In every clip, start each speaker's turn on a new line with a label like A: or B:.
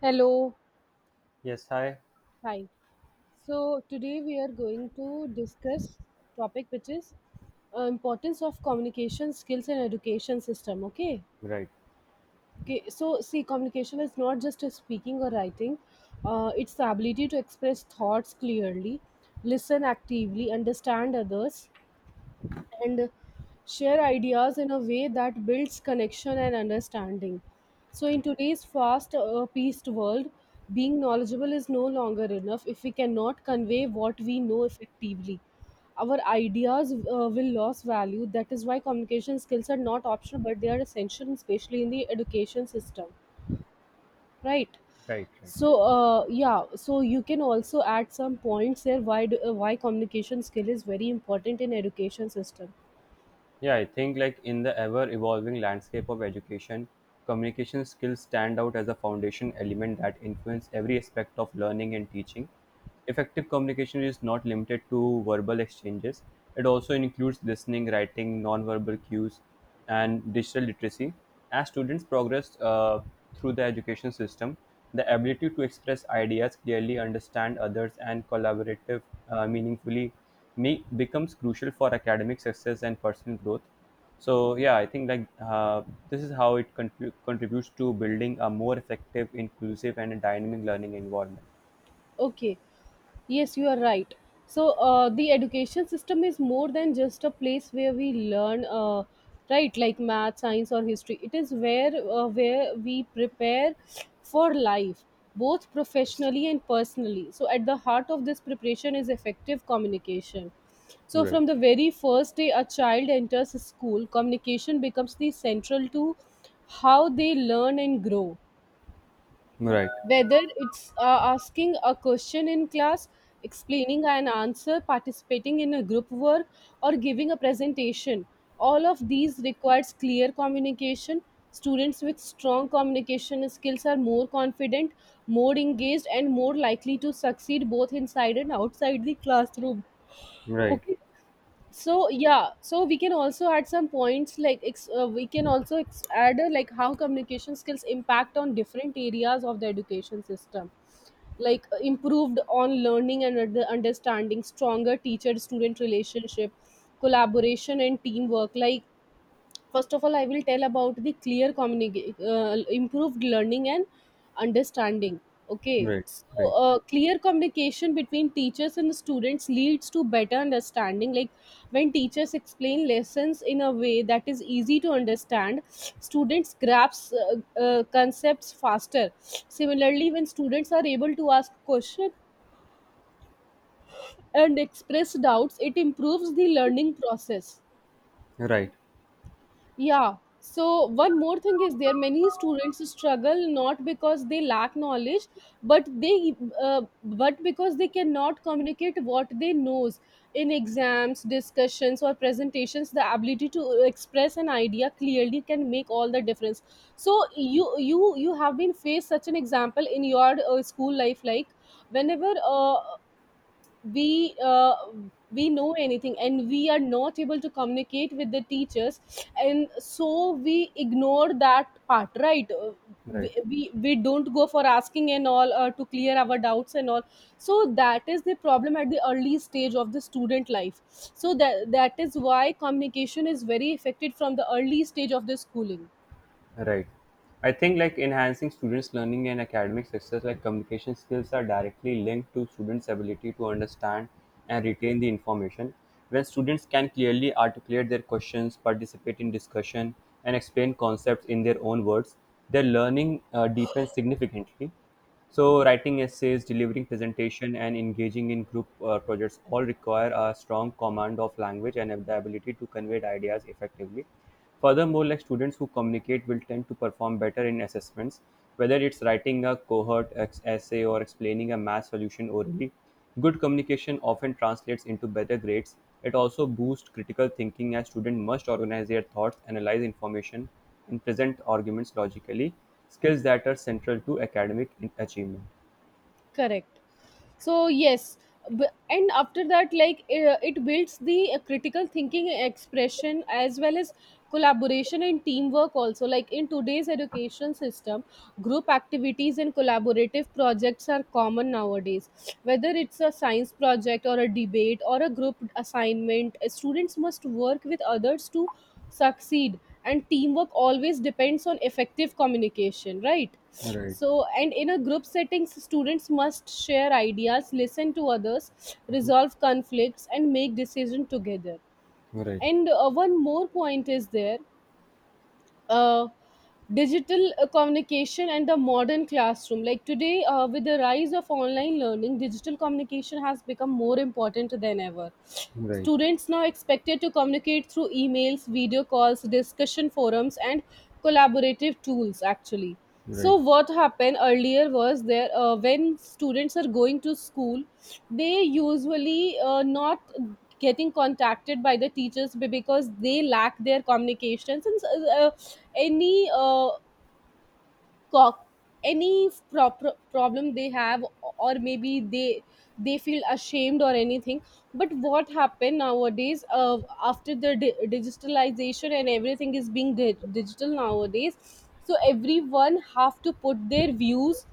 A: Hello,
B: Yes, hi.
A: hi. So today we are going to discuss topic which is importance of communication skills in education system. Okay.
B: Right,
A: Okay. So see, communication is not just a speaking or writing. It's the ability to express thoughts clearly, listen actively, understand others, and share ideas in a way that builds connection and understanding. So, in today's fast paced world, being knowledgeable is no longer enough if we cannot convey what we know effectively. Our ideas will lose value. That is why communication skills are not optional, but they are essential, especially in the education system. Right.
B: right, right.
A: So, yeah. So you can also add some points there. Why do, why communication skill is very important in education system.
B: Yeah, I think like in the ever evolving landscape of education, communication skills stand out as a foundation element that influence every aspect of learning and teaching. Effective communication is not limited to verbal exchanges. It also includes listening, writing, non-verbal cues, and digital literacy. As students progress through the education system, the ability to express ideas clearly, understand others, and collaborative meaningfully Me becomes crucial for academic success and personal growth. So yeah, I think like this is how it contributes to building a more effective inclusive and dynamic learning environment.
A: Okay. Yes, you are right. So the education system is more than just a place where we learn, right? Like math, science, or history. It is where we prepare for life, both professionally and personally. So at the heart of this preparation is effective communication. So
B: Right.
A: from the very first day a child enters school, communication becomes the central to how they learn and grow
B: Right.
A: whether it's asking a question in class, explaining an answer, participating in a group work, or giving a presentation, all of these requires clear communication. Students with strong communication skills are more confident, more engaged, and more likely to succeed both inside and outside the classroom.
B: Right.
A: Okay. So yeah, so we can also add some points like we can also add like how communication skills impact on different areas of the education system like improved on learning and understanding, stronger teacher student relationship, collaboration and teamwork, like first of all, I will tell about the clear communication, improved learning and understanding. Okay,
B: Right.
A: so
B: Right.
A: clear communication between teachers and students leads to better understanding. Like when teachers explain lessons in a way that is easy to understand, students grasp concepts faster. Similarly, when students are able to ask questions and express doubts, it improves the learning process.
B: Right.
A: Yeah. So one more thing is there, many students struggle not because they lack knowledge, but they but because they cannot communicate what they knows in exams, discussions, or presentations. The ability to express an idea clearly can make all the difference. So you have been faced such an example in your school life, like whenever we uh, we know anything and we are not able to communicate with the teachers, and so we ignore that part, right? Uh,
B: Right.
A: we, we, we don't go for asking and all, to clear our doubts and all. So that is the problem at the early stage of the student life. So that is why communication is very affected from the early stage of the schooling.
B: Right. I think like enhancing students' learning and academic success, like communication skills, are directly linked to students' ability to understand and retain the information. When students can clearly articulate their questions, participate in discussion, and explain concepts in their own words, their learning deepens significantly. So, writing essays, delivering presentation, and engaging in group projects all require a strong command of language and the ability to convey the ideas effectively. Furthermore, like students who communicate will tend to perform better in assessments, whether it's writing a cohort essay or explaining a math solution orally. Good communication often translates into better grades; it also boosts critical thinking as students must organize their thoughts, analyze information, and present arguments logically, skills that are central to academic achievement.
A: Correct. So yes, and after that, like it builds the critical thinking expression, as well as collaboration and teamwork also, like in today's education system. Group activities and collaborative projects are common nowadays. Whether it's a science project or a debate or a group assignment, students must work with others to succeed. And teamwork always depends on effective communication, right?
B: Right,
A: So, and in a group settings, students must share ideas, listen to others, resolve conflicts, and make decisions together.
B: right,
A: And one more point is there, uh, digital communication and the modern classroom. Like today with the rise of online learning, digital communication has become more important than ever.
B: right,
A: Students now expected to communicate through emails, video calls, discussion forums, and collaborative tools, actually.
B: right.
A: So what happened earlier was there, when students are going to school, they usually not getting contacted by the teachers because they lack their communications, and uh, any uh, co- any proper problem they have, or maybe they feel ashamed or anything. But what happened nowadays, after the digitalization and everything is being digital nowadays, so everyone have to put their views,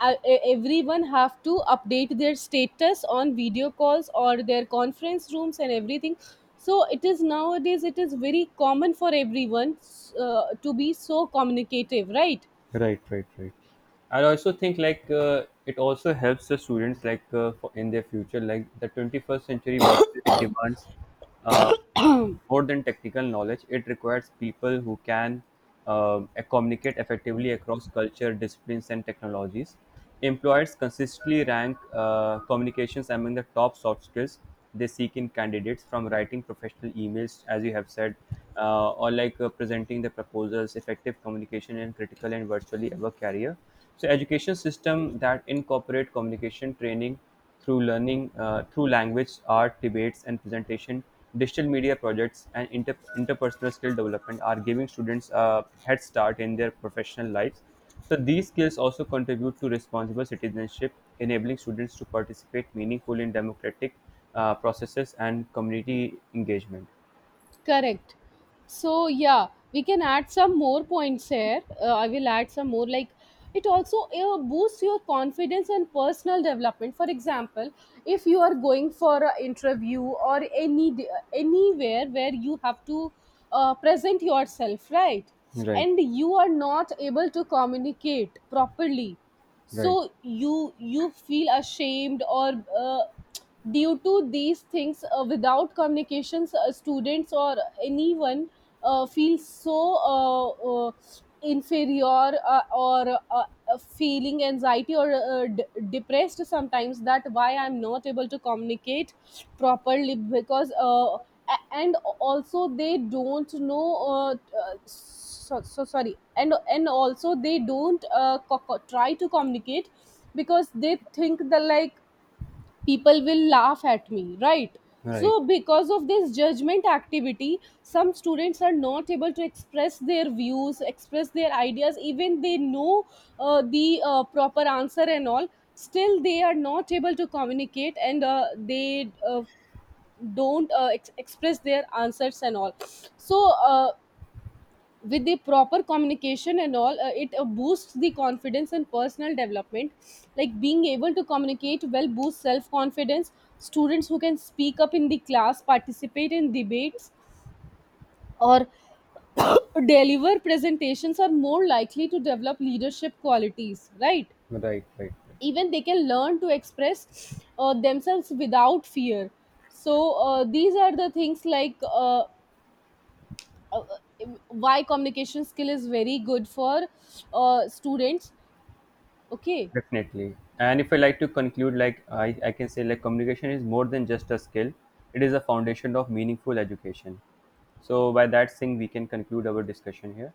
A: everyone have to update their status on video calls or their conference rooms and everything. So it is nowadays it is very common for everyone, to be so communicative, right?
B: Right, right, right. I also think like it also helps the students like in their future, like the 21st century workplace demands uh, more than technical knowledge. It requires people who can communicate effectively across culture disciplines and technologies. Employers consistently rank communications among the top soft skills they seek in candidates, from writing professional emails, as you have said, or like presenting the proposals, effective communication in critical and virtually ever career. So education system that incorporate communication training through learning through language art, debates and presentation, digital media projects and interpersonal skill development are giving students a head start in their professional lives. So these skills also contribute to responsible citizenship, enabling students to participate meaningfully in democratic processes and community engagement.
A: Correct. So yeah, we can add some more points here. I will add some more, like it also boosts your confidence and personal development. For example, if you are going for an interview or any anywhere where you have to present yourself, right?
B: Right,
A: And you are not able to communicate properly,
B: right.
A: so you feel ashamed, or due to these things, without communications, students or anyone feel so uh, inferior, or feeling anxiety, or depressed sometimes, that why I'm not able to communicate properly. Because and also they don't know, so, so sorry, and also they don't try to communicate, because they think that like people will laugh at me, right?
B: Right,
A: So because of this judgment activity, some students are not able to express their views, express their ideas, even they know the proper answer and all, still they are not able to communicate, and they don't express their answers and all. So uh, with the proper communication and all, it boosts the confidence and personal development. Like being able to communicate well boosts self confidence. Students who can speak up in the class, participate in debates, or deliver presentations are more likely to develop leadership qualities, right?
B: right, right, right.
A: Even they can learn to express themselves without fear. So these are the things, like uh, why communication skill is very good for students. Okay.
B: Definitely. And if I like to conclude, like I can say, like communication is more than just a skill; it is a foundation of meaningful education. So by that thing, we can conclude our discussion here.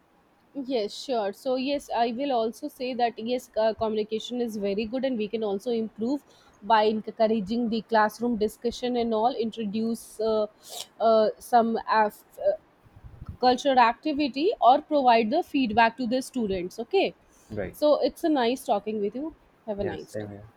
A: Yes, sure. So, yes, I will also say that yes, communication is very good, and we can also improve by encouraging the classroom discussion and all, introduce some cultural activity, or provide the feedback to the students. Okay.
B: Right.
A: So, it's a nice talking with you. Have a
B: Yes.
A: nice
B: Same
A: day.
B: here.